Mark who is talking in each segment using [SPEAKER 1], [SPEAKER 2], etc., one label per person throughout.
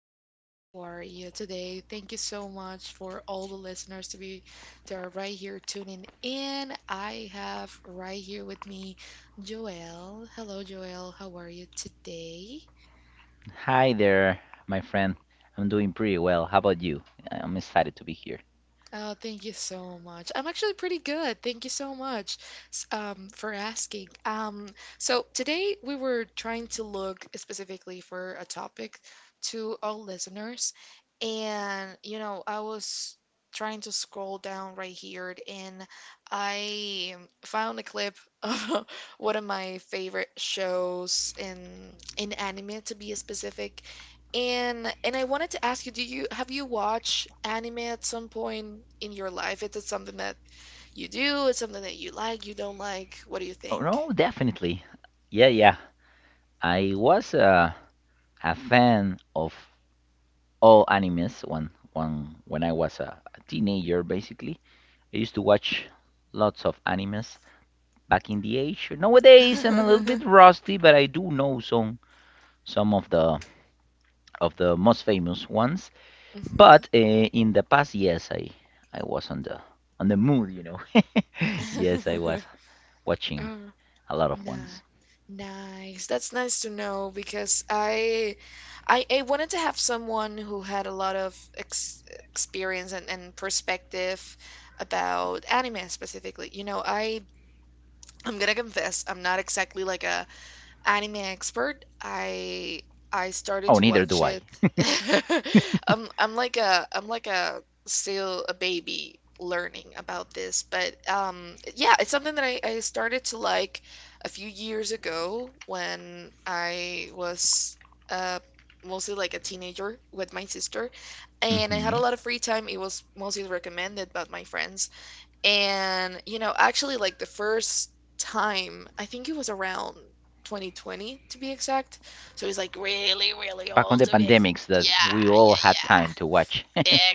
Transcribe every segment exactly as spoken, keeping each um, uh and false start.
[SPEAKER 1] Hi, how are you today? Thank you so much for all the listeners to be that are right here tuning in. I have right here with me Joelle. Hello, Joelle. How are you today?
[SPEAKER 2] Hi there, my friend. I'm doing pretty well. How about you? I'm excited to be here.
[SPEAKER 1] Oh, thank you so much. I'm actually pretty good. Thank you so much s- um, for asking. Um, so today we were trying to look specifically for a topic to our listeners, and you know, I was trying to scroll down right here, and I found a clip of one of my favorite shows in in anime, to be specific. And and I wanted to ask you, do you have you watched anime at some point in your life? Is it something that you do? Is something that you like, you don't like? What do you
[SPEAKER 2] Oh,
[SPEAKER 1] think?
[SPEAKER 2] no, definitely. Yeah, yeah. I was uh, a fan of all animes when, when, when I was a, a teenager, basically. I used to watch lots of animes back in the age. Nowadays, I'm a little bit rusty, but I do know some some of the of the most famous ones.
[SPEAKER 1] Mhm.
[SPEAKER 2] But uh, in the past, yes, I I was on the on the mood, you know. Yes, I was watching
[SPEAKER 1] Uh,
[SPEAKER 2] a lot of
[SPEAKER 1] nah.
[SPEAKER 2] ones.
[SPEAKER 1] Nice. That's nice to know because I, I I wanted to have someone who had a lot of ex experience and, and perspective about anime specifically. You know, I I'm gonna confess, I'm not exactly like a anime expert. I I started
[SPEAKER 2] Oh,
[SPEAKER 1] to
[SPEAKER 2] neither do
[SPEAKER 1] watch
[SPEAKER 2] I.
[SPEAKER 1] it. I'm I'm like a I'm like a still a baby learning about this, but um yeah, it's something that I, I started to like a few years ago when I was uh mostly like a teenager with my sister, and I had a
[SPEAKER 2] Hmm.
[SPEAKER 1] lot of free time. It was mostly recommended by my friends and, you know, actually, like the first time, I think it was around twenty twenty to be exact. So he's like really, really
[SPEAKER 2] Back on
[SPEAKER 1] old
[SPEAKER 2] the
[SPEAKER 1] to be ex.
[SPEAKER 2] pandemics
[SPEAKER 1] Yeah,
[SPEAKER 2] that we all
[SPEAKER 1] yeah,
[SPEAKER 2] had
[SPEAKER 1] yeah.
[SPEAKER 2] time to watch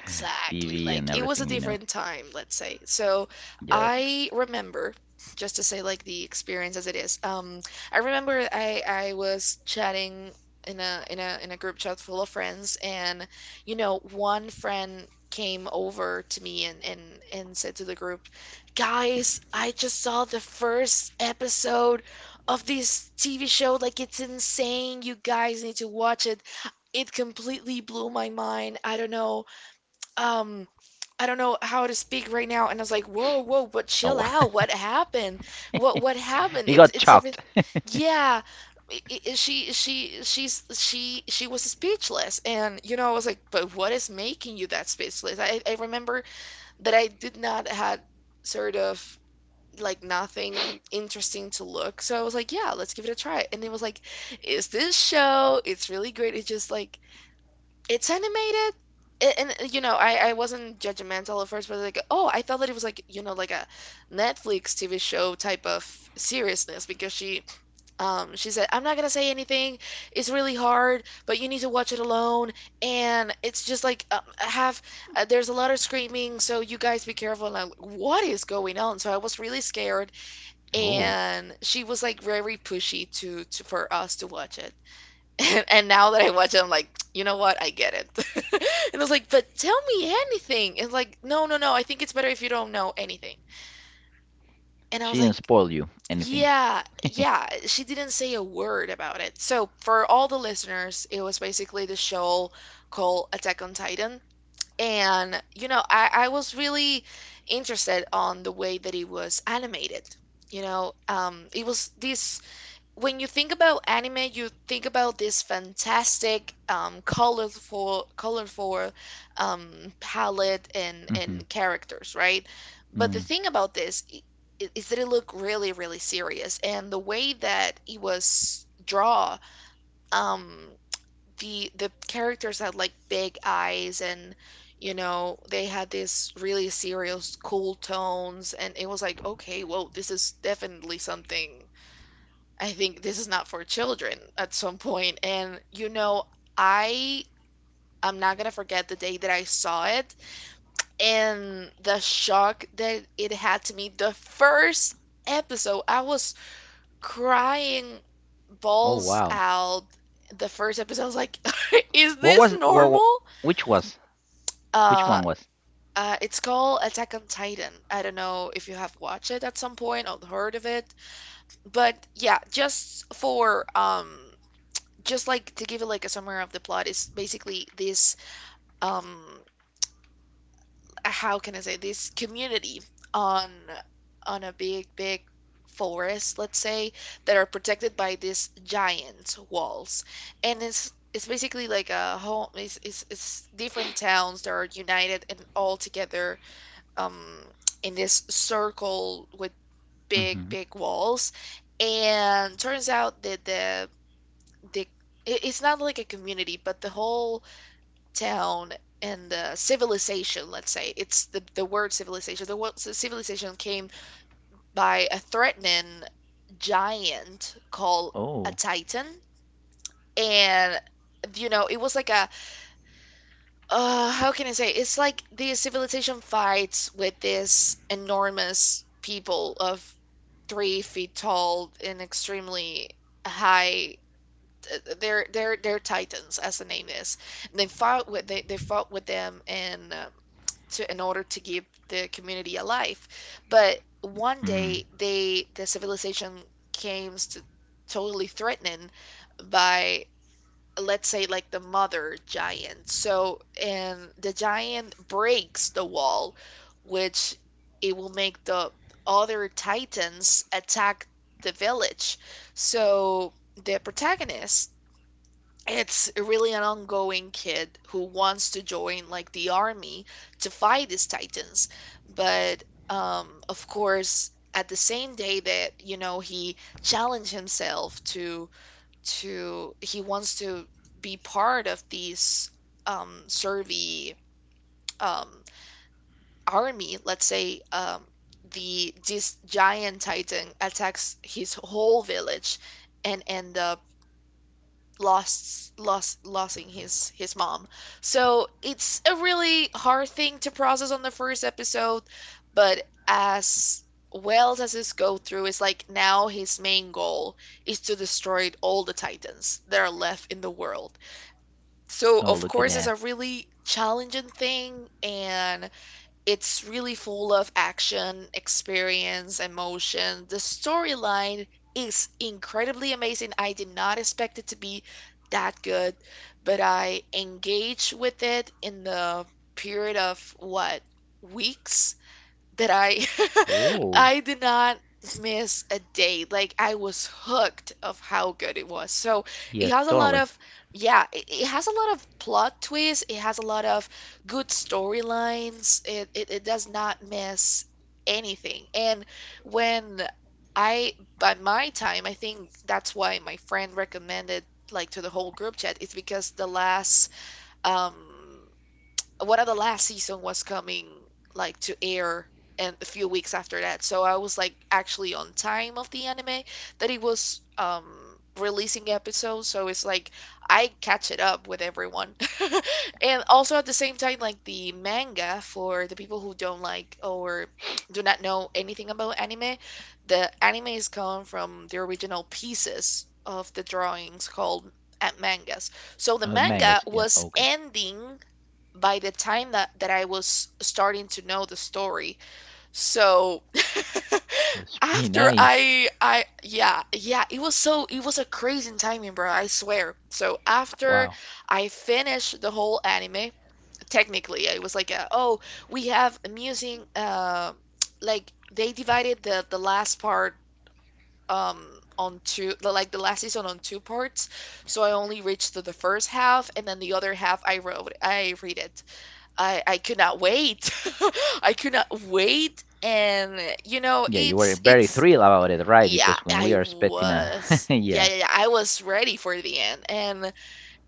[SPEAKER 2] T V and
[SPEAKER 1] Like it was a
[SPEAKER 2] everything, you know.
[SPEAKER 1] different time, let's say. So
[SPEAKER 2] Yep.
[SPEAKER 1] I remember, just to say like the experience as it is. Um, I remember I I was chatting in a in a in a group chat full of friends, and you know, one friend came over to me and and and said to the group, "Guys, I just saw the first episode of this T V show. Like it's insane. You guys need to watch it." It completely blew my mind. I don't know, um I don't know how to speak right now, and I was like, "Whoa, whoa, but
[SPEAKER 2] Oh,
[SPEAKER 1] chill
[SPEAKER 2] wow.
[SPEAKER 1] out. What happened? What what happened?
[SPEAKER 2] He
[SPEAKER 1] It's
[SPEAKER 2] got
[SPEAKER 1] it's
[SPEAKER 2] shocked.
[SPEAKER 1] everything." Yeah. i- i- She she she's she she was speechless, and you know, I was like, "But what is making you that speechless?" I I remember that I did not had sort of like nothing interesting to look. So I was like, "Yeah, let's give it a try." And it was like, "Is this show? It's really great." It's just like it's animated, a- and uh, you know, I I wasn't judgmental at first, but like, oh, I thought that it was like, you know, like a Netflix T V show type of seriousness because she um she said, I'm not gonna say anything. It's really hard, but you need to watch it alone, and it's just like um, have uh, there's a lot of screaming, so you guys be careful. And I'm like, what is going on? So I was really scared,
[SPEAKER 2] Oh,
[SPEAKER 1] and she was like very pushy to to for us to watch it. And, and now that I watch it, I'm like, you know what? I get it. And I was like, but tell me anything. And like, no, no, no. I think it's better if you don't know anything. And I
[SPEAKER 2] she
[SPEAKER 1] was like,
[SPEAKER 2] didn't spoil you anything.
[SPEAKER 1] yeah, yeah. She didn't say a word about it. So for all the listeners, it was basically the show called Attack on Titan. And you know, I, I was really interested on the way that it was animated. You know, um, it was this when you think about anime, you think about this fantastic, um, colorful, colorful, um, palette and
[SPEAKER 2] Hmm.
[SPEAKER 1] and characters, right? But the
[SPEAKER 2] Mm.
[SPEAKER 1] thing about this i- i- is that it looked really, really serious, and the way that it was draw, um, the the characters had like big eyes. And. You know, they had this really serious, cool tones, and it was like, okay, whoa, this is definitely something. I think this is not for children at some point. And you know, I I'm not gonna forget the day that I saw it and the shock that it had to me. The first episode, I was crying
[SPEAKER 2] Oh
[SPEAKER 1] balls
[SPEAKER 2] wow.
[SPEAKER 1] out. The first episode, I was like, is
[SPEAKER 2] What
[SPEAKER 1] this
[SPEAKER 2] was what?
[SPEAKER 1] normal?
[SPEAKER 2] Which was? Which
[SPEAKER 1] Uh,
[SPEAKER 2] one was?
[SPEAKER 1] uh, it's called Attack on Titan. I don't know if you have watched it at some point or heard of it, but yeah, just for um just like to give it like a summary of the plot is basically this. um how can I say, this community on on a big big forest, let's say, that are protected by these giant walls, and it's it's basically like a home. It's, it's, it's different towns that are united and all together, um in this circle with big
[SPEAKER 2] Hmm.
[SPEAKER 1] big walls. And turns out that the the it- it's not like a community but the whole town and the civilization, let's say it's the, the word civilization the word civilization came by a threatening giant called a
[SPEAKER 2] Oh.
[SPEAKER 1] titan. And you know, it was like a uh, how can I say, it's like the civilization fights with this enormous people of three feet tall and extremely high. uh, they're they're they're titans as the name is, and they fought with they, they fought with them, and uh, to in order to give the community a life. But one
[SPEAKER 2] Mm.
[SPEAKER 1] day they the civilization came to totally threatening by, let's say, like the mother giant. So and the giant breaks the wall, which it will make the other titans attack the village. So the protagonist, it's really an ongoing kid who wants to join like the army to fight these titans. But um of course at the same day that you know, he challenged himself to to he wants to be part of these um survey um army, let's say. Um the this giant titan attacks his whole village, and end up lost lost losing his his mom. So it's a really hard thing to process on the first episode, but as well as this go through, it's like now his main goal is to destroy all the Titans that are left in the world. So
[SPEAKER 2] Oh,
[SPEAKER 1] of
[SPEAKER 2] look at
[SPEAKER 1] course it's a
[SPEAKER 2] that.
[SPEAKER 1] really challenging thing, and it's really full of action, experience, emotion. The storyline is incredibly amazing. I did not expect it to be that good, but I engaged with it in the period of what, weeks? That I
[SPEAKER 2] Oh,
[SPEAKER 1] I did not miss a day. Like I was hooked of how good it was. So it
[SPEAKER 2] yeah,
[SPEAKER 1] has a lot
[SPEAKER 2] totally.
[SPEAKER 1] of yeah, it, it has a lot of plot twists. It has a lot of good storylines. It, it it does not miss anything. And when I by my time, I think that's why my friend recommended like to the whole group chat. It's because the last um one of the last season was coming like to air and a few weeks after that. So I was like actually on time of the anime that it was um releasing episodes. So it's like I catch it up with everyone. And also at the same time like the manga, for the people who don't like or do not know anything about anime, the anime is come from the original pieces of the drawings called uh, mangas. So the
[SPEAKER 2] Oh, the
[SPEAKER 1] manga
[SPEAKER 2] mangas, yeah,
[SPEAKER 1] was
[SPEAKER 2] okay.
[SPEAKER 1] ending by the time that that I was starting to know the story. So
[SPEAKER 2] It's pretty
[SPEAKER 1] after
[SPEAKER 2] nice.
[SPEAKER 1] I I yeah, yeah, it was so it was a crazy timing, bro, I swear. So after
[SPEAKER 2] Wow.
[SPEAKER 1] I finished the whole anime, technically I was like a, oh, we have amusing uh, like they divided the the last part um on two the- like the last season on two parts. So I only reached to the first half, and then the other half I wrote I read it. I I could not wait. I could not wait, and you know,
[SPEAKER 2] Yeah, you were
[SPEAKER 1] it's
[SPEAKER 2] very
[SPEAKER 1] it's
[SPEAKER 2] thrilled about it, right?
[SPEAKER 1] yeah,
[SPEAKER 2] Because when we
[SPEAKER 1] I
[SPEAKER 2] are expecting a,
[SPEAKER 1] was. Yeah,
[SPEAKER 2] yeah.
[SPEAKER 1] yeah, yeah, I was ready for the end, and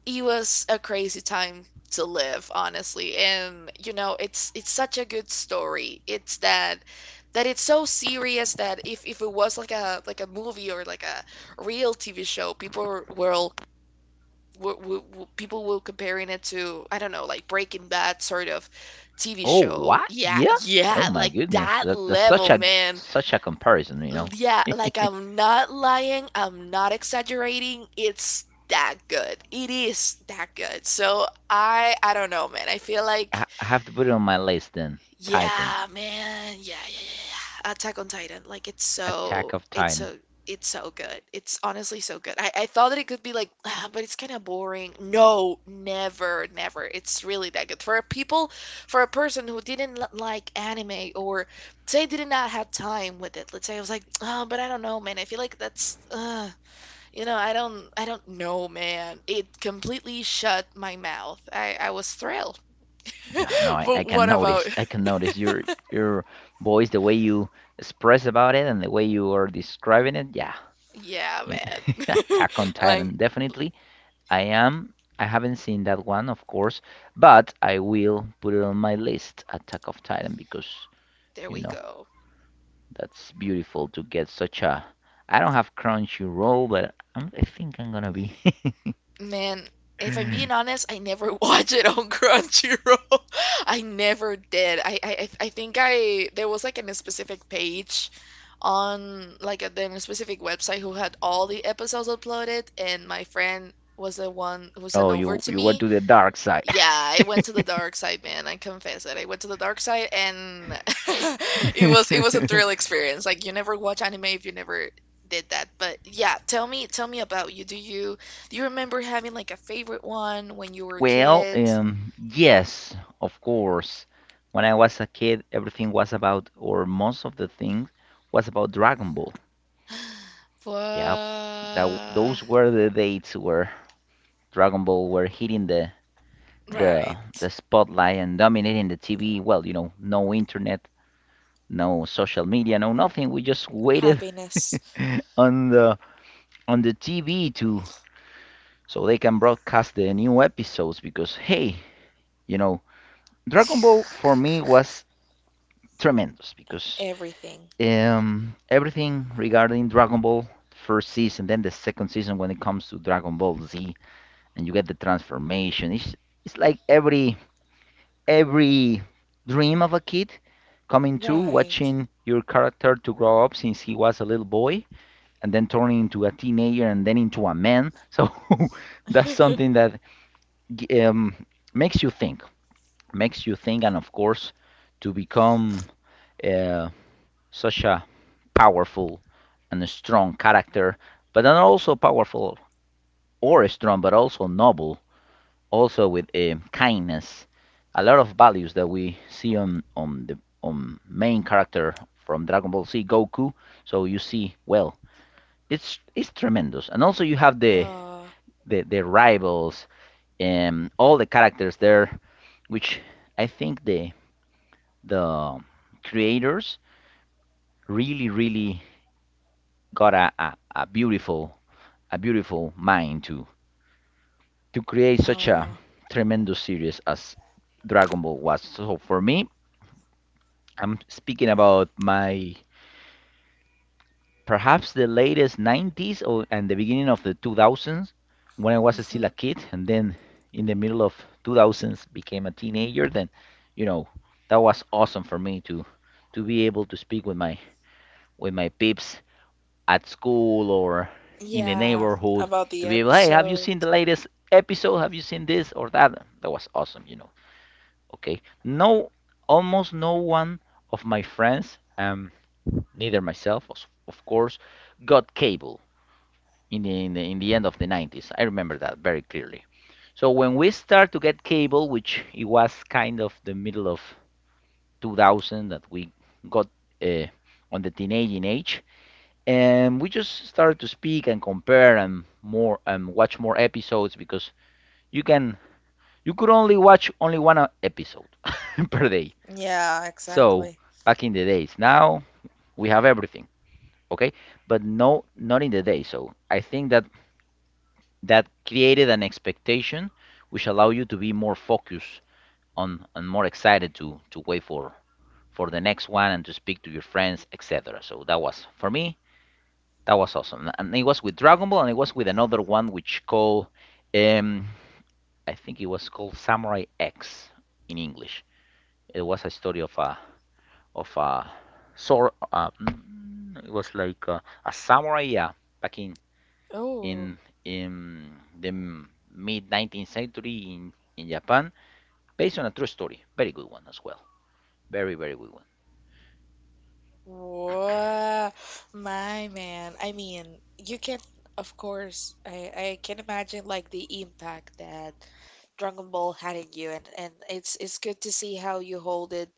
[SPEAKER 1] it was a crazy time to live, honestly. And you know, it's it's such a good story. It's that that it's so serious that if if it was like a like a movie or like a real T V show, people will w- w- w- people were comparing it to, I don't know, like Breaking Bad sort of T V
[SPEAKER 2] Oh,
[SPEAKER 1] show.
[SPEAKER 2] what?
[SPEAKER 1] Yeah,
[SPEAKER 2] Yeah. Oh
[SPEAKER 1] yeah,
[SPEAKER 2] my
[SPEAKER 1] like
[SPEAKER 2] goodness,
[SPEAKER 1] that
[SPEAKER 2] that, that's such
[SPEAKER 1] level,
[SPEAKER 2] a
[SPEAKER 1] man.
[SPEAKER 2] such a comparison, you
[SPEAKER 1] L-
[SPEAKER 2] know.
[SPEAKER 1] Yeah, like I'm not lying, I'm not exaggerating. It's that good. It is that good. So I I don't know, man. I feel like
[SPEAKER 2] I, I have to put it on my list then. Titan,
[SPEAKER 1] yeah, man. Yeah, yeah, yeah, yeah, yeah. Attack on Titan. Like it's
[SPEAKER 2] Attack
[SPEAKER 1] so
[SPEAKER 2] of
[SPEAKER 1] it's
[SPEAKER 2] Titan.
[SPEAKER 1] so it's so good. It's honestly so good. I, I thought that it could be like, ah, but it's kind of boring. No, never, never. It's really that good. For a people, for a person who didn't li- like anime or say did not have time with it. Let's say I was like, oh, but I don't know, man. I feel like that's, uh, you know, I don't, I don't know, man. It completely shut my mouth. I, I was thrilled.
[SPEAKER 2] Yeah, no, I, I
[SPEAKER 1] But
[SPEAKER 2] can
[SPEAKER 1] what about
[SPEAKER 2] notice. I can notice your your voice, the way you express about it, and the way you are describing it. Yeah,
[SPEAKER 1] yeah,
[SPEAKER 2] you,
[SPEAKER 1] man.
[SPEAKER 2] Attack on
[SPEAKER 1] Like,
[SPEAKER 2] Titan, definitely I am. I haven't seen that one, of course, but I will put it on my list, Attack of Titan, because
[SPEAKER 1] there
[SPEAKER 2] you
[SPEAKER 1] we
[SPEAKER 2] know
[SPEAKER 1] go.
[SPEAKER 2] that's beautiful to get such a. I don't have Crunchyroll, but I'm, I think I'm gonna be.
[SPEAKER 1] Man, if I'm being honest, I never watch it on Crunchyroll. I never did. I, I I I think I there was like a specific page on like a, then a specific website who had all the episodes uploaded, and my friend was the one who sent
[SPEAKER 2] Oh,
[SPEAKER 1] over
[SPEAKER 2] you
[SPEAKER 1] to
[SPEAKER 2] you were
[SPEAKER 1] me,
[SPEAKER 2] to the dark side.
[SPEAKER 1] yeah, I went to the dark side, man. I confess it. I went to the dark side and it was it was a thrill experience. Like you never watch anime if you never did that. But yeah, tell me tell me about you. Do you do you remember having like a favorite one when you were a
[SPEAKER 2] Well,
[SPEAKER 1] kid?
[SPEAKER 2] um, yes, of course. When I was a kid, everything was about, or most of the things was about Dragon Ball. Yeah,
[SPEAKER 1] What?
[SPEAKER 2] that those were the dates where Dragon Ball were hitting the the the
[SPEAKER 1] Right.
[SPEAKER 2] spotlight and dominating the T V. Well, you know, no internet, no social media, no nothing. We just waited
[SPEAKER 1] Happiness.
[SPEAKER 2] on the on the T V to so they can broadcast the new episodes because hey, you know, Dragon Ball for me was tremendous because
[SPEAKER 1] Everything.
[SPEAKER 2] um everything regarding Dragon Ball first season, then the second season when it comes to Dragon Ball Z and you get the transformation. It's it's like every every dream of a kid coming true,
[SPEAKER 1] Right.
[SPEAKER 2] watching your character to grow up since he was a little boy and then turning into a teenager and then into a man. So that's something that um, makes you think, makes you think, and of course, to become uh, such a powerful and a strong character, but then also powerful or strong, but also noble, also with um kindness, a lot of values that we see on on the on main character from Dragon Ball Z Goku. So you see, well, it's it's tremendous, and also you have the
[SPEAKER 1] Oh,
[SPEAKER 2] the, the rivals and all the characters there, which I think the the creators really really got a, a, a beautiful a beautiful mind to to create such a
[SPEAKER 1] oh.
[SPEAKER 2] tremendous series as Dragon Ball was. So for me, I'm speaking about my perhaps the latest nineties or and the beginning of the two thousands when I was still
[SPEAKER 1] Hmm.
[SPEAKER 2] a kid, and then in the middle of two thousands became a teenager, then you know that was awesome for me to to be able to speak with my with my peeps at school or in the
[SPEAKER 1] Yeah,
[SPEAKER 2] neighborhood,
[SPEAKER 1] about
[SPEAKER 2] to
[SPEAKER 1] the
[SPEAKER 2] be able, hey, have you
[SPEAKER 1] episode.
[SPEAKER 2] seen the latest episode, have you seen this or that that was awesome, you know okay, no, almost no one of my friends, um neither myself, of course, got cable in the, in the in the end of the nineties. I remember that very clearly. So when we start to get cable, which it was kind of the middle of two thousand that we got, uh, on the teenaging age, and we just started to speak and compare and more and watch more episodes because you can you could only watch only one uh, episode per day.
[SPEAKER 1] Yeah,
[SPEAKER 2] So
[SPEAKER 1] exactly.
[SPEAKER 2] back in the days, now we have everything. Okay, but no, not in the day, so I think that that created an expectation which allow you to be more focused on and more excited to to wait for for the next one and to speak to your friends, etc. So that was for me, that was awesome, and it was with Dragon Ball, and it was with another one which called, um I think it was called Samurai X in English. It was a story of a of a sword, uh, mm, it was like a, a samurai, yeah, back in
[SPEAKER 1] Oh,
[SPEAKER 2] in in the mid nineteenth century in, in Japan, based on a true story. Very good one as well. Very very good one.
[SPEAKER 1] wow, my man. I mean, you can, of course, I, I can imagine like the impact that Dragon Ball had in you, and, and it's it's good to see how you hold it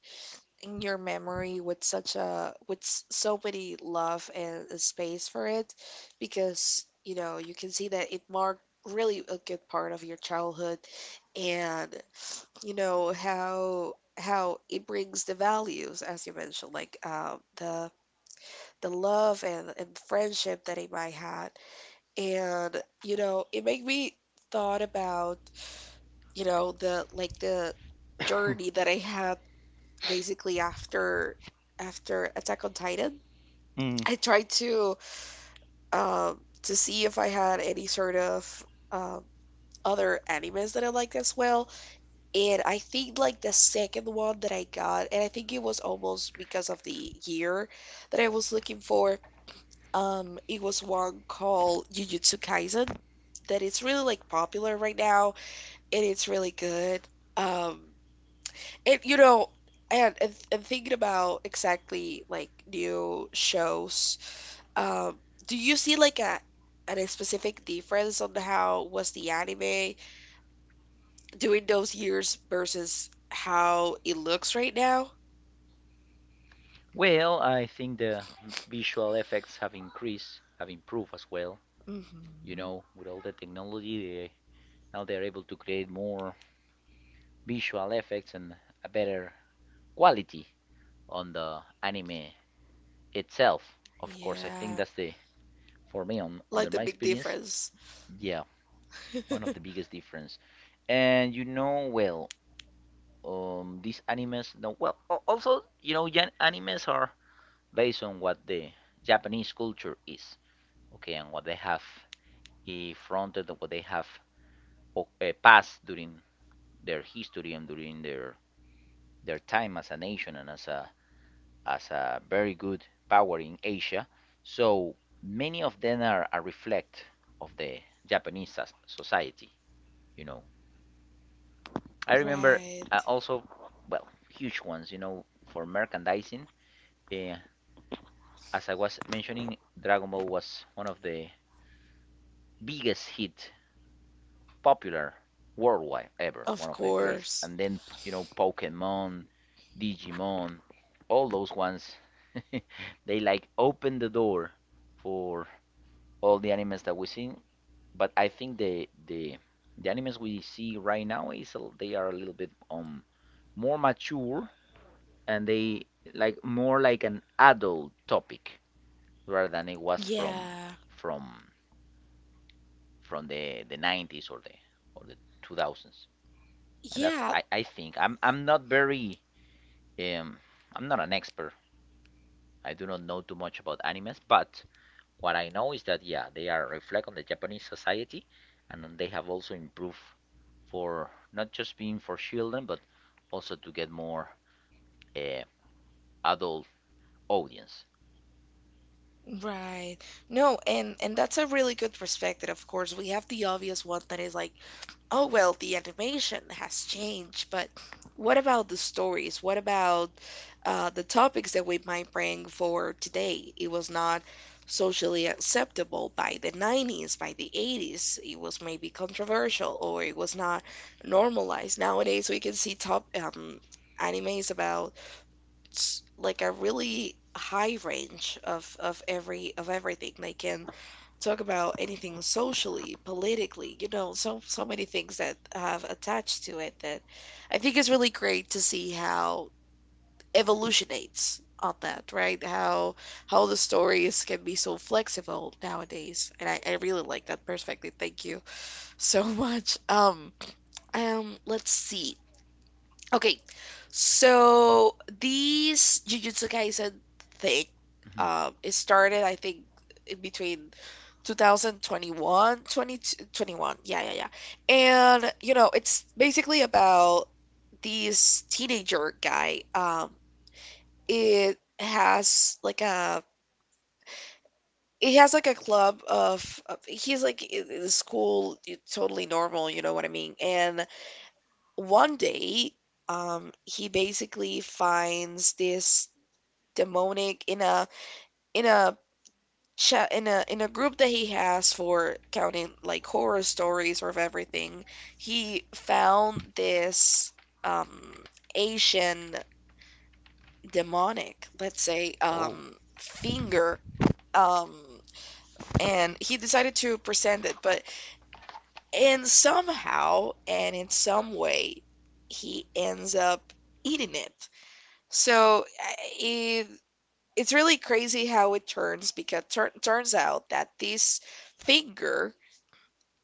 [SPEAKER 1] in your memory with such a with s- so many love and a space for it, because you know you can see that it marked really a good part of your childhood, and you know how how it brings the values as you mentioned like um, the the love and, and friendship that it might had, and you know it made me thought about you know the like the journey that I had basically after after Attack on Titan.
[SPEAKER 2] Mm.
[SPEAKER 1] I tried to um to see if I had any sort of um, other animes that I liked as well. And I think like the second one that I got, and I think it was almost because of the year that I was looking for, um, it was one called Jujutsu Kaisen, that it's really like popular right now and it's really good. Um, and you know, and, and, and thinking about exactly like new shows, um, do you see like a and a specific difference on how was the anime during those years versus how it looks right now?
[SPEAKER 2] Well, I think the visual effects have increased, have improved as well. You
[SPEAKER 1] Hmm.
[SPEAKER 2] know, with all the technology, they, now they're able to create more visual effects and a better quality on the anime itself. Of course, I think
[SPEAKER 1] Yeah.
[SPEAKER 2] that's the for me on under
[SPEAKER 1] Like the
[SPEAKER 2] my
[SPEAKER 1] big
[SPEAKER 2] experience.
[SPEAKER 1] difference.
[SPEAKER 2] Yeah, one of the biggest difference. And you know, well, um these animes, no well al- also, you know Jan- animes are based on what the Japanese culture is, okay, and what they have eh, fronted, and what they have o- eh, passed during their history and during their their time as a nation and as a as a very good power in Asia. So many of them are a reflect of the Japanese soc- society. you know I remember, uh,
[SPEAKER 1] Right.
[SPEAKER 2] also, well, huge ones, you know for merchandising, uh, as I was mentioning, Dragon Ball was one of the biggest hit, popular worldwide ever,
[SPEAKER 1] Of
[SPEAKER 2] one of the greats.
[SPEAKER 1] course.
[SPEAKER 2] And then you know Pokemon, Digimon, all those ones, they like open the door for all the animes that we see. But I think the the the animes we see right now is they are a little bit um more mature, and they like more like an adult topic rather than it was from
[SPEAKER 1] Yeah.
[SPEAKER 2] from from the the nineties or the or the two thousands. And that's
[SPEAKER 1] Yeah,
[SPEAKER 2] I, I think I'm I'm not very um I'm not an expert. I do not know too much about animes, but what I know is that yeah, they are reflect on the Japanese society, and they have also improved for not just being for children, but also to get more, uh, adult audience.
[SPEAKER 1] right. No, and and that's a really good perspective. Of course, we have the obvious one that is like, oh well, the animation has changed, but what about the stories? What about uh, the topics that we might bring for today? It was not socially acceptable by the nineties, by the eighties. It was maybe controversial or it was not normalized. Nowadays, we can see top um, animes about s- like a really high range of of every of everything. They can talk about anything socially, politically, you know, so so many things that have attached to it that I think is really great to see how evolutionates on that, right? How how the stories can be so flexible nowadays. And I, I really like that perspective. Thank you so much. Um, um, let's see. Okay, so these Jujutsu Kaisen thing,
[SPEAKER 2] Hmm.
[SPEAKER 1] um, it started, I think, in between two thousand twenty one, twenty twenty one, yeah, yeah, yeah. And, you know, it's basically about this teenager guy. Um, it has like a he has like a club of, of he's like in in school y- totally normal you know what I mean and one day um he basically finds this demonic in a in a chat in a in a group that he has for counting like horror stories or of everything. He found this um Asian demonic, let's say,
[SPEAKER 2] Oh,
[SPEAKER 1] um finger, um and he decided to present it, but and somehow and in some way he ends up eating it. So uh, it it's really crazy how it turns because tur- turns out that this finger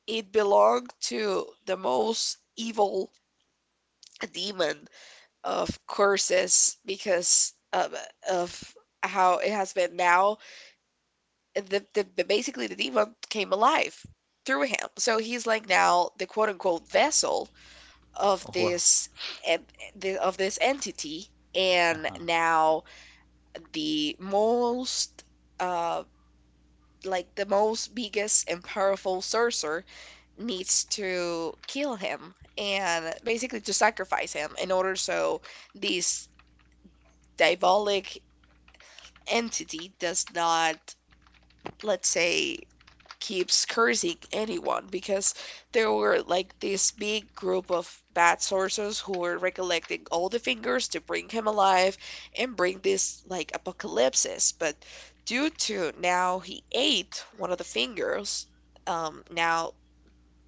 [SPEAKER 1] it belonged to the most evil demon of curses because of, of how it has been now the, the, the basically the demon came alive through him, so he's like now the quote unquote vessel of
[SPEAKER 2] oh well.
[SPEAKER 1] this en- the- of this entity,
[SPEAKER 2] Uh
[SPEAKER 1] and
[SPEAKER 2] huh.
[SPEAKER 1] now the most uh like the most biggest and powerful sorcerer needs to kill him and basically to sacrifice him in order so this diabolic entity does not, let's say, keeps cursing anyone because there were like this big group of bad sorcerers who were recollecting all the fingers to bring him alive and bring this like apocalypse. But due to now he ate one of the fingers, um, now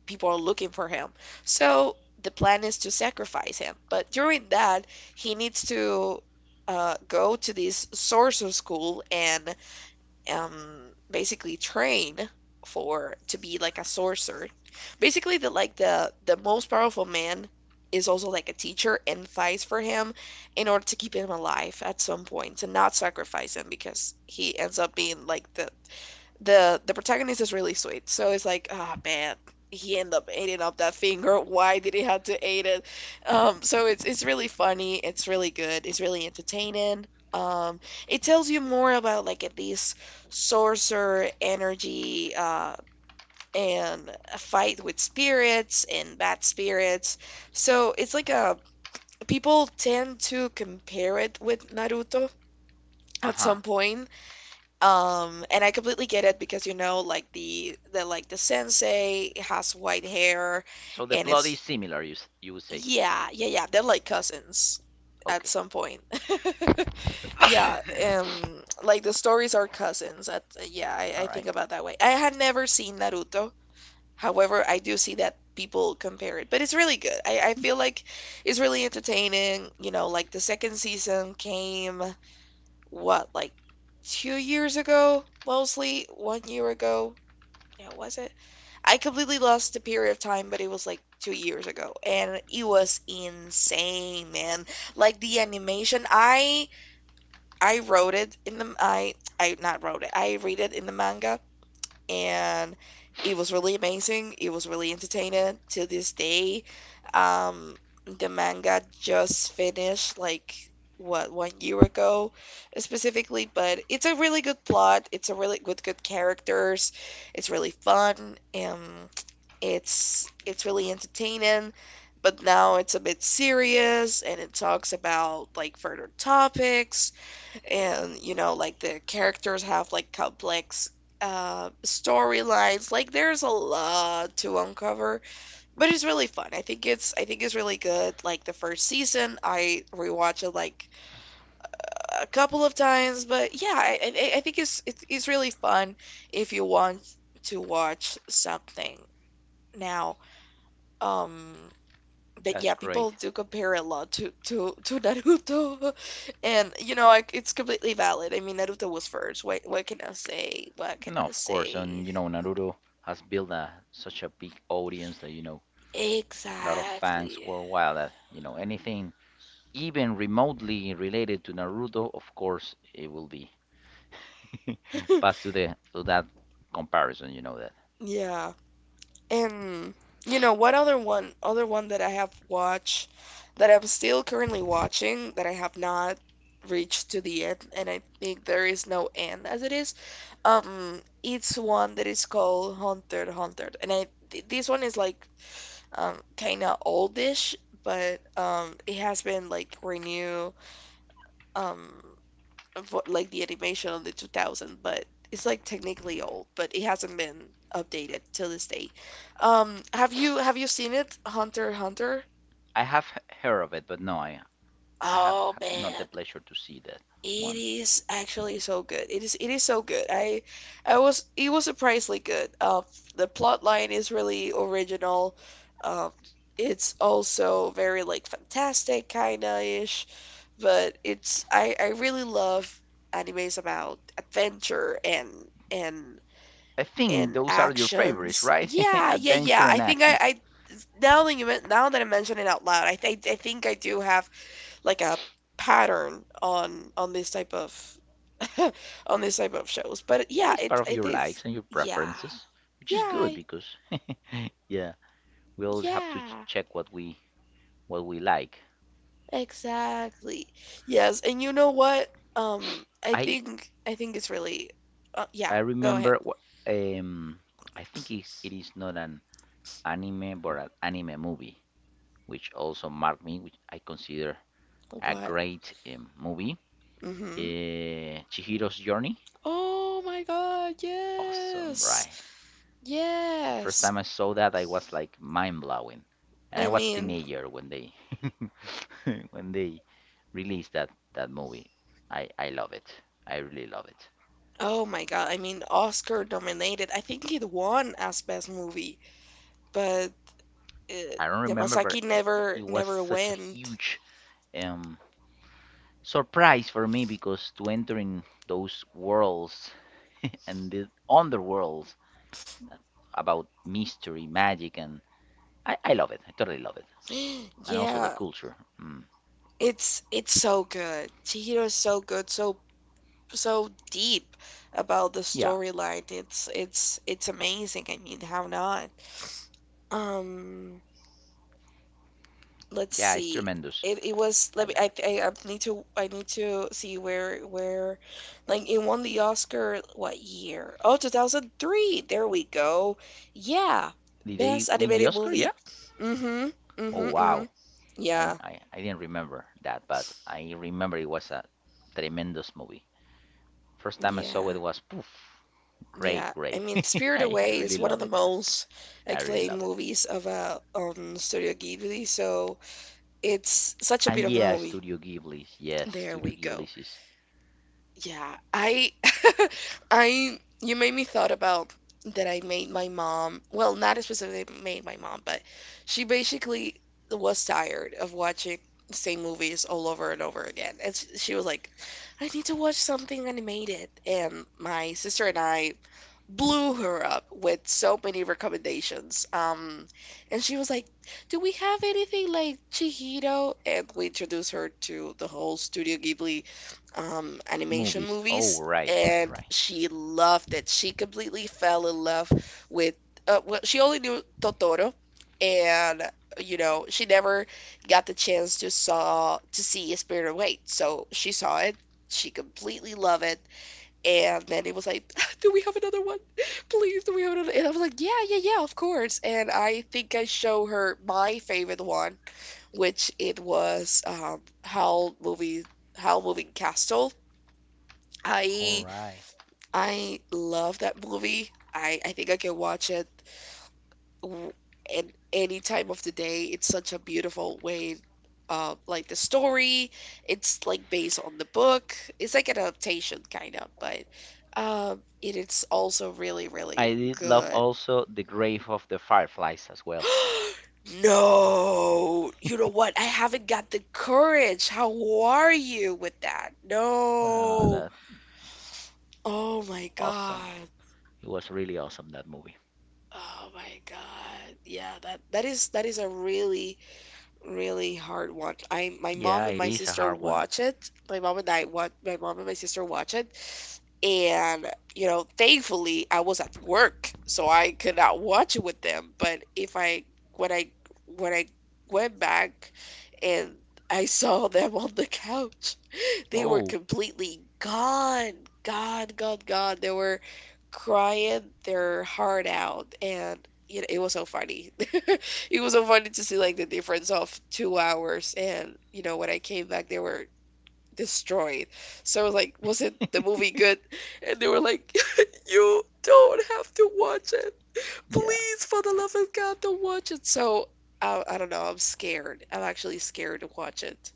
[SPEAKER 1] people are looking for him. So the plan is to sacrifice him. But during that, he needs to uh, go to this sorcerer school and um, basically train for to be like a sorcerer. Basically, the like the the most powerful man is also like a teacher and fights for him in order to keep him alive at some point to not sacrifice him because he ends up being like the the the protagonist is really sweet. So it's like, oh man, he ended up eating up that finger. Why did he have to eat it? Um, so it's it's really funny. It's really good. It's really entertaining. Um, it tells you more about like at least sorcerer energy, uh, and a fight with spirits and bad spirits. So it's like a people tend to compare it with Naruto
[SPEAKER 2] Uh
[SPEAKER 1] at
[SPEAKER 2] huh.
[SPEAKER 1] some point, um, and I completely get it because you know, like the the like the sensei has white hair,
[SPEAKER 2] So the
[SPEAKER 1] and
[SPEAKER 2] plot is
[SPEAKER 1] it's
[SPEAKER 2] similar, you you would say.
[SPEAKER 1] yeah, yeah, yeah. They're like cousins at
[SPEAKER 2] Okay.
[SPEAKER 1] some point. Yeah, um, like the stories are cousins. At yeah, I,
[SPEAKER 2] All
[SPEAKER 1] I think
[SPEAKER 2] right.
[SPEAKER 1] about that way. I had never seen Naruto. However, I do see that people compare it, but it's really good. I, I feel like it's really entertaining. You know, like the second season came what, like two years ago, mostly one year ago. Yeah, was it? I completely lost the period of time, but it was like two years ago, and it was insane, man. Like the animation, I I wrote it in the I I not wrote it. I read it in the manga, and it was really amazing. It was really entertaining to this day. Um, the manga just finished like what one year ago specifically, but it's a really good plot. It's a really good good characters. It's really fun. Um, it's it's really entertaining. But now it's a bit serious and it talks about like further topics, and you know like the characters have like complex uh storylines, like there's a lot to uncover, but it's really fun. i think it's I think it's really good. Like the first season I rewatched it like a couple of times, but yeah i i, I think it's, it's it's really fun if you want to watch something now, um but yeah,
[SPEAKER 2] That's great.
[SPEAKER 1] people do compare a lot to to to Naruto, and you know like, it's completely valid. I mean, Naruto was first. What what can I say? What can
[SPEAKER 2] No,
[SPEAKER 1] I
[SPEAKER 2] of course,
[SPEAKER 1] say?
[SPEAKER 2] and you know Naruto has built a such a big audience that you know a lot of fans
[SPEAKER 1] Exactly.
[SPEAKER 2] worldwide. That you know anything even remotely related to Naruto, of course, it will be passed to the to that comparison. You know that
[SPEAKER 1] Yeah, and you know what other one other one that I have watched, that I'm still currently watching, that I have not reached to the end, and I think there is no end as it is. Um, it's one that is called Hunter x Hunter, and I th- this one is like um kind of oldish, but um it has been like renew, um vo- like the animation on the two thousand, but it's like technically old, but it hasn't been updated till this day. Um, have you have you seen it, Hunter x Hunter?
[SPEAKER 2] I have he- heard of it, but no, I I had,
[SPEAKER 1] Oh
[SPEAKER 2] had not the
[SPEAKER 1] man.
[SPEAKER 2] pleasure to see that
[SPEAKER 1] It
[SPEAKER 2] one.
[SPEAKER 1] is actually so good. It is it is so good. I I was it was surprisingly good. Uh, the plot line is really original. Um, it's also very like fantastic kinda ish, but it's I I really love animes about adventure and and
[SPEAKER 2] I think
[SPEAKER 1] and
[SPEAKER 2] those are your favorites,
[SPEAKER 1] actions.
[SPEAKER 2] right?
[SPEAKER 1] Yeah, yeah,
[SPEAKER 2] Adventure
[SPEAKER 1] yeah. I
[SPEAKER 2] and
[SPEAKER 1] think I
[SPEAKER 2] actions.
[SPEAKER 1] I now that you men now that I mention it out loud, I th I think I do have like a pattern on on this type of on this type of shows. But
[SPEAKER 2] Yeah,
[SPEAKER 1] yeah,
[SPEAKER 2] it's part
[SPEAKER 1] it
[SPEAKER 2] of
[SPEAKER 1] it
[SPEAKER 2] your likes
[SPEAKER 1] is
[SPEAKER 2] and your
[SPEAKER 1] yeah.
[SPEAKER 2] preferences, which
[SPEAKER 1] Yeah,
[SPEAKER 2] is good
[SPEAKER 1] I-
[SPEAKER 2] because yeah. We always have to ch-
[SPEAKER 1] yeah.
[SPEAKER 2] check what we what we like.
[SPEAKER 1] Exactly. Yes, and you know what? Um, I
[SPEAKER 2] I
[SPEAKER 1] think I think it's really uh,
[SPEAKER 2] I
[SPEAKER 1] yeah, go ahead.
[SPEAKER 2] remember wh- um I think it it is not an anime but an anime movie, which also marked me, which I consider a
[SPEAKER 1] What?
[SPEAKER 2] great, um, movie.
[SPEAKER 1] Mm-hmm.
[SPEAKER 2] Uh, Chihiro's Journey,
[SPEAKER 1] Oh my God,
[SPEAKER 2] awesome,
[SPEAKER 1] yes.
[SPEAKER 2] right? The first
[SPEAKER 1] Yes.
[SPEAKER 2] time I saw that, I was like mind blowing, and I
[SPEAKER 1] I
[SPEAKER 2] was a
[SPEAKER 1] mean,
[SPEAKER 2] teenager when they when they released that that movie. I I love it. I really love it.
[SPEAKER 1] oh my God. I mean, Oscar nominated. I think it won as best movie, but uh,
[SPEAKER 2] I don't remember, but
[SPEAKER 1] Yamasaki
[SPEAKER 2] it,
[SPEAKER 1] never
[SPEAKER 2] it was
[SPEAKER 1] never
[SPEAKER 2] such a
[SPEAKER 1] went.
[SPEAKER 2] huge, um, surprise for me because to enter in those worlds and the underworlds about mystery, magic, and I, I love it. I totally love it. And also the
[SPEAKER 1] Yeah,
[SPEAKER 2] culture. Mm.
[SPEAKER 1] it's it's so good. Chihiro is so good, so so deep about the
[SPEAKER 2] Yeah,
[SPEAKER 1] storyline. It's it's it's amazing. I mean, how not? Um, let's
[SPEAKER 2] yeah, it's
[SPEAKER 1] see.
[SPEAKER 2] tremendous.
[SPEAKER 1] It, it was let
[SPEAKER 2] I
[SPEAKER 1] me
[SPEAKER 2] love
[SPEAKER 1] I,
[SPEAKER 2] it.
[SPEAKER 1] I I need to I need to see where where like it won the Oscar what year? Oh, two thousand three. There we go. Yeah.
[SPEAKER 2] Did they
[SPEAKER 1] Best
[SPEAKER 2] win the
[SPEAKER 1] animated
[SPEAKER 2] Oscar? Yeah.
[SPEAKER 1] movie. Mm-hmm.
[SPEAKER 2] Oh
[SPEAKER 1] Mm-hmm. Mm-hmm.
[SPEAKER 2] wow. I,
[SPEAKER 1] Yeah,
[SPEAKER 2] I, I didn't remember that, but I remember it was a tremendous movie. First time I saw it
[SPEAKER 1] yeah,
[SPEAKER 2] was poof, great,
[SPEAKER 1] yeah. I
[SPEAKER 2] great.
[SPEAKER 1] mean, Spirit
[SPEAKER 2] I, I
[SPEAKER 1] Away
[SPEAKER 2] really
[SPEAKER 1] is one of
[SPEAKER 2] love
[SPEAKER 1] the
[SPEAKER 2] it.
[SPEAKER 1] most
[SPEAKER 2] I really
[SPEAKER 1] acclaimed
[SPEAKER 2] love it.
[SPEAKER 1] movies of uh um Studio Ghibli, so it's such a
[SPEAKER 2] And
[SPEAKER 1] beautiful
[SPEAKER 2] yeah,
[SPEAKER 1] movie.
[SPEAKER 2] Studio Ghibli. Yes,
[SPEAKER 1] There
[SPEAKER 2] Studio
[SPEAKER 1] we go.
[SPEAKER 2] Ghibli's is
[SPEAKER 1] Yeah, I, I, you made me thought about that I made my mom, well, not specifically made my mom, but she basically was tired of watching the same movies all over and over again. And sh- she was like, I need to watch something animated. And my sister and I blew her up with so many recommendations. Um, and she was like, "Do we have anything like Chihiro?" And we introduced her to the whole Studio Ghibli um, animation
[SPEAKER 2] movies. Oh,
[SPEAKER 1] movies,
[SPEAKER 2] right, right,
[SPEAKER 1] and
[SPEAKER 2] right.
[SPEAKER 1] she loved it. She completely fell in love with. Uh, well, she only knew Totoro, and you know she never got the chance to saw to see A Spirit Away. So she saw it. She completely loved it. And Mandy was like, do we have another one? Please, do we have another? And I was like, yeah, yeah, yeah, of course. And I think I show her my favorite one, which it was um, Howl movie, Howl Moving Castle.
[SPEAKER 2] All
[SPEAKER 1] I
[SPEAKER 2] right.
[SPEAKER 1] I love that movie. I I think I can watch it w- and any time of the day. It's such a beautiful way. Um, like the story, it's like based on the book. It's like an adaptation kind of, but um, it is also really, really
[SPEAKER 2] I did love
[SPEAKER 1] good.
[SPEAKER 2] also The Grave of the Fireflies as well.
[SPEAKER 1] No, you know what? I haven't got the courage. How are you with that?
[SPEAKER 2] Ah,
[SPEAKER 1] No.
[SPEAKER 2] that
[SPEAKER 1] Oh my
[SPEAKER 2] awesome.
[SPEAKER 1] God.
[SPEAKER 2] It was really awesome that movie.
[SPEAKER 1] Oh my God. Yeah, that that is that is a really really hard watch. I My mom
[SPEAKER 2] Yeah,
[SPEAKER 1] and
[SPEAKER 2] it
[SPEAKER 1] my
[SPEAKER 2] is a
[SPEAKER 1] sister
[SPEAKER 2] hard one.
[SPEAKER 1] watch it. My mom and I watch my mom and my sister watch it. And you know, thankfully I was at work, so I could not watch it with them. But if I when I when I went back and I saw them on the couch, they were
[SPEAKER 2] Oh.
[SPEAKER 1] completely gone, gone, gone, gone. They were crying their heart out, and you know, it was so funny. It was so funny to see like the difference of two hours, and you know, when I came back, they were destroyed. So I was like, wasn't the movie good? And they were like, you don't have to watch it.
[SPEAKER 2] yeah.
[SPEAKER 1] Please, for the love of God, don't watch it. So I, I don't know. I'm scared. I'm actually scared to watch it.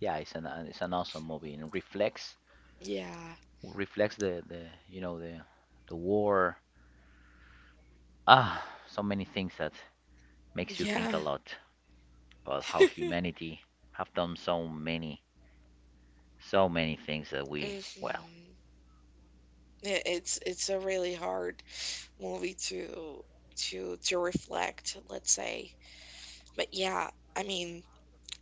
[SPEAKER 2] Yeah, it's an it's an awesome movie, and it reflects
[SPEAKER 1] Yeah.
[SPEAKER 2] reflects the, the you know the the war. Ah, so many things that makes you think a
[SPEAKER 1] Yeah.
[SPEAKER 2] lot about how humanity have done so many, so many things that we, well,
[SPEAKER 1] Mhm. It- It's it's a really hard movie to to to reflect, let's say. But yeah, I mean,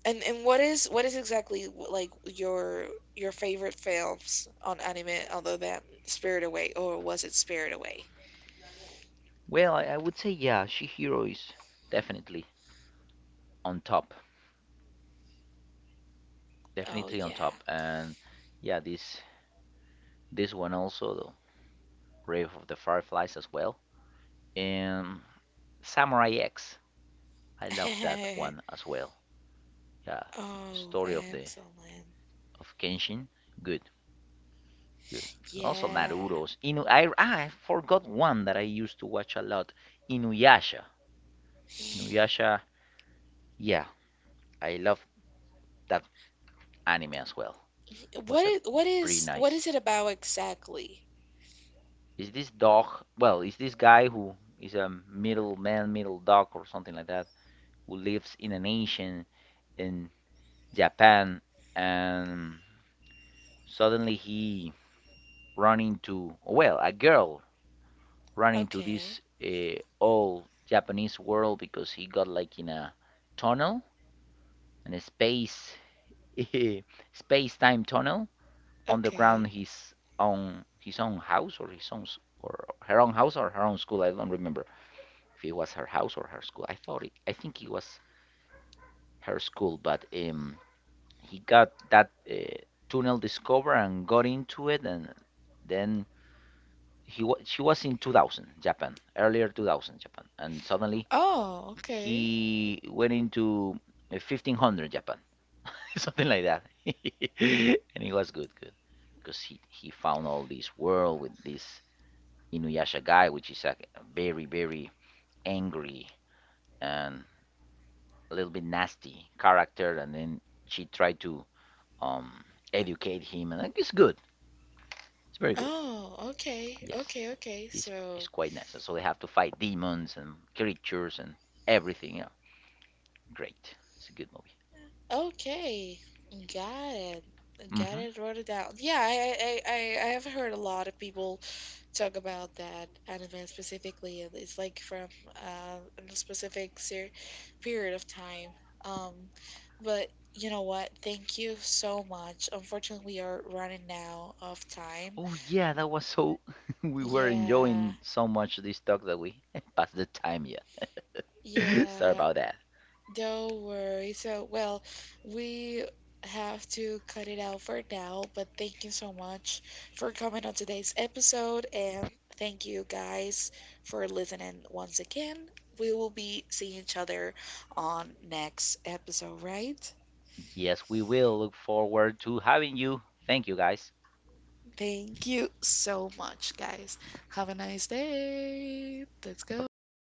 [SPEAKER 1] and and what is what is exactly like your your favorite films on anime other than Spirit Away, or was it Spirit Away?
[SPEAKER 2] well, I, I would say yeah, Shihiro is definitely on top,
[SPEAKER 1] Oh
[SPEAKER 2] definitely on
[SPEAKER 1] yeah.
[SPEAKER 2] top, and yeah, this this one also, the Grave of the Fireflies as well, and Samurai X, I love that one as well. Yeah,
[SPEAKER 1] Oh,
[SPEAKER 2] story of the
[SPEAKER 1] excellent.
[SPEAKER 2] of Kenshin, good. Good. Also
[SPEAKER 1] Yeah.
[SPEAKER 2] Naruto's. Inu I I forgot one that I used to watch a lot. Inuyasha. Inuyasha. Yeah, I love that anime as well.
[SPEAKER 1] What
[SPEAKER 2] Was a
[SPEAKER 1] is what
[SPEAKER 2] pretty
[SPEAKER 1] is what
[SPEAKER 2] nice.
[SPEAKER 1] is it about exactly?
[SPEAKER 2] Is this dog? Well, is this guy who is a middle man, middle dog, or something like that, who lives in a nation in Japan, and suddenly he run into, well, a girl ran into
[SPEAKER 1] Okay.
[SPEAKER 2] this, uh, old Japanese world because he got like in a tunnel, in a space space time tunnel
[SPEAKER 1] Okay.
[SPEAKER 2] underground his own his own house or his own or her own house or her own school. I don't remember if it was her house or her school. I thought it. I think it was her school, but um, he got that, uh, tunnel discovered and got into it, and then he wa- she was in two thousand Japan, earlier two thousand Japan, and suddenly
[SPEAKER 1] Oh, okay.
[SPEAKER 2] he went into, uh, fifteen hundred Japan, something like that, and it was good, good, because he he found all this world with this Inuyasha guy, which is a very very angry and a little bit nasty character, and then she tried to um educate him, and like, it's good, it's very good,
[SPEAKER 1] Oh, okay,
[SPEAKER 2] yes,
[SPEAKER 1] okay, okay.
[SPEAKER 2] it's
[SPEAKER 1] So,
[SPEAKER 2] it's quite nice. So they have to fight demons and creatures and everything, yeah, great, it's a good movie.
[SPEAKER 1] okay, got it, got
[SPEAKER 2] Hmm.
[SPEAKER 1] it. Wrote it down. Yeah, I, I, I, I I have heard a lot of people talk about that anime specifically, and it's like from uh, a specific ser period of time. Um, but you know what? Thank you so much. Unfortunately, we are running now of time.
[SPEAKER 2] Oh yeah, that was so. We were
[SPEAKER 1] Yeah,
[SPEAKER 2] enjoying so much this talk that we passed the time. Yeah, sorry
[SPEAKER 1] yeah.
[SPEAKER 2] about that.
[SPEAKER 1] Don't worry. So, well, we have to cut it out for now, but thank you so much for coming on today's episode, and thank you guys for listening once again. We will be seeing each other on next episode, right?
[SPEAKER 2] Yes, we will look forward to having you. Thank you, guys.
[SPEAKER 1] Thank you so much, guys. Have a nice day. Let's
[SPEAKER 2] Bye
[SPEAKER 1] go.
[SPEAKER 2] bye.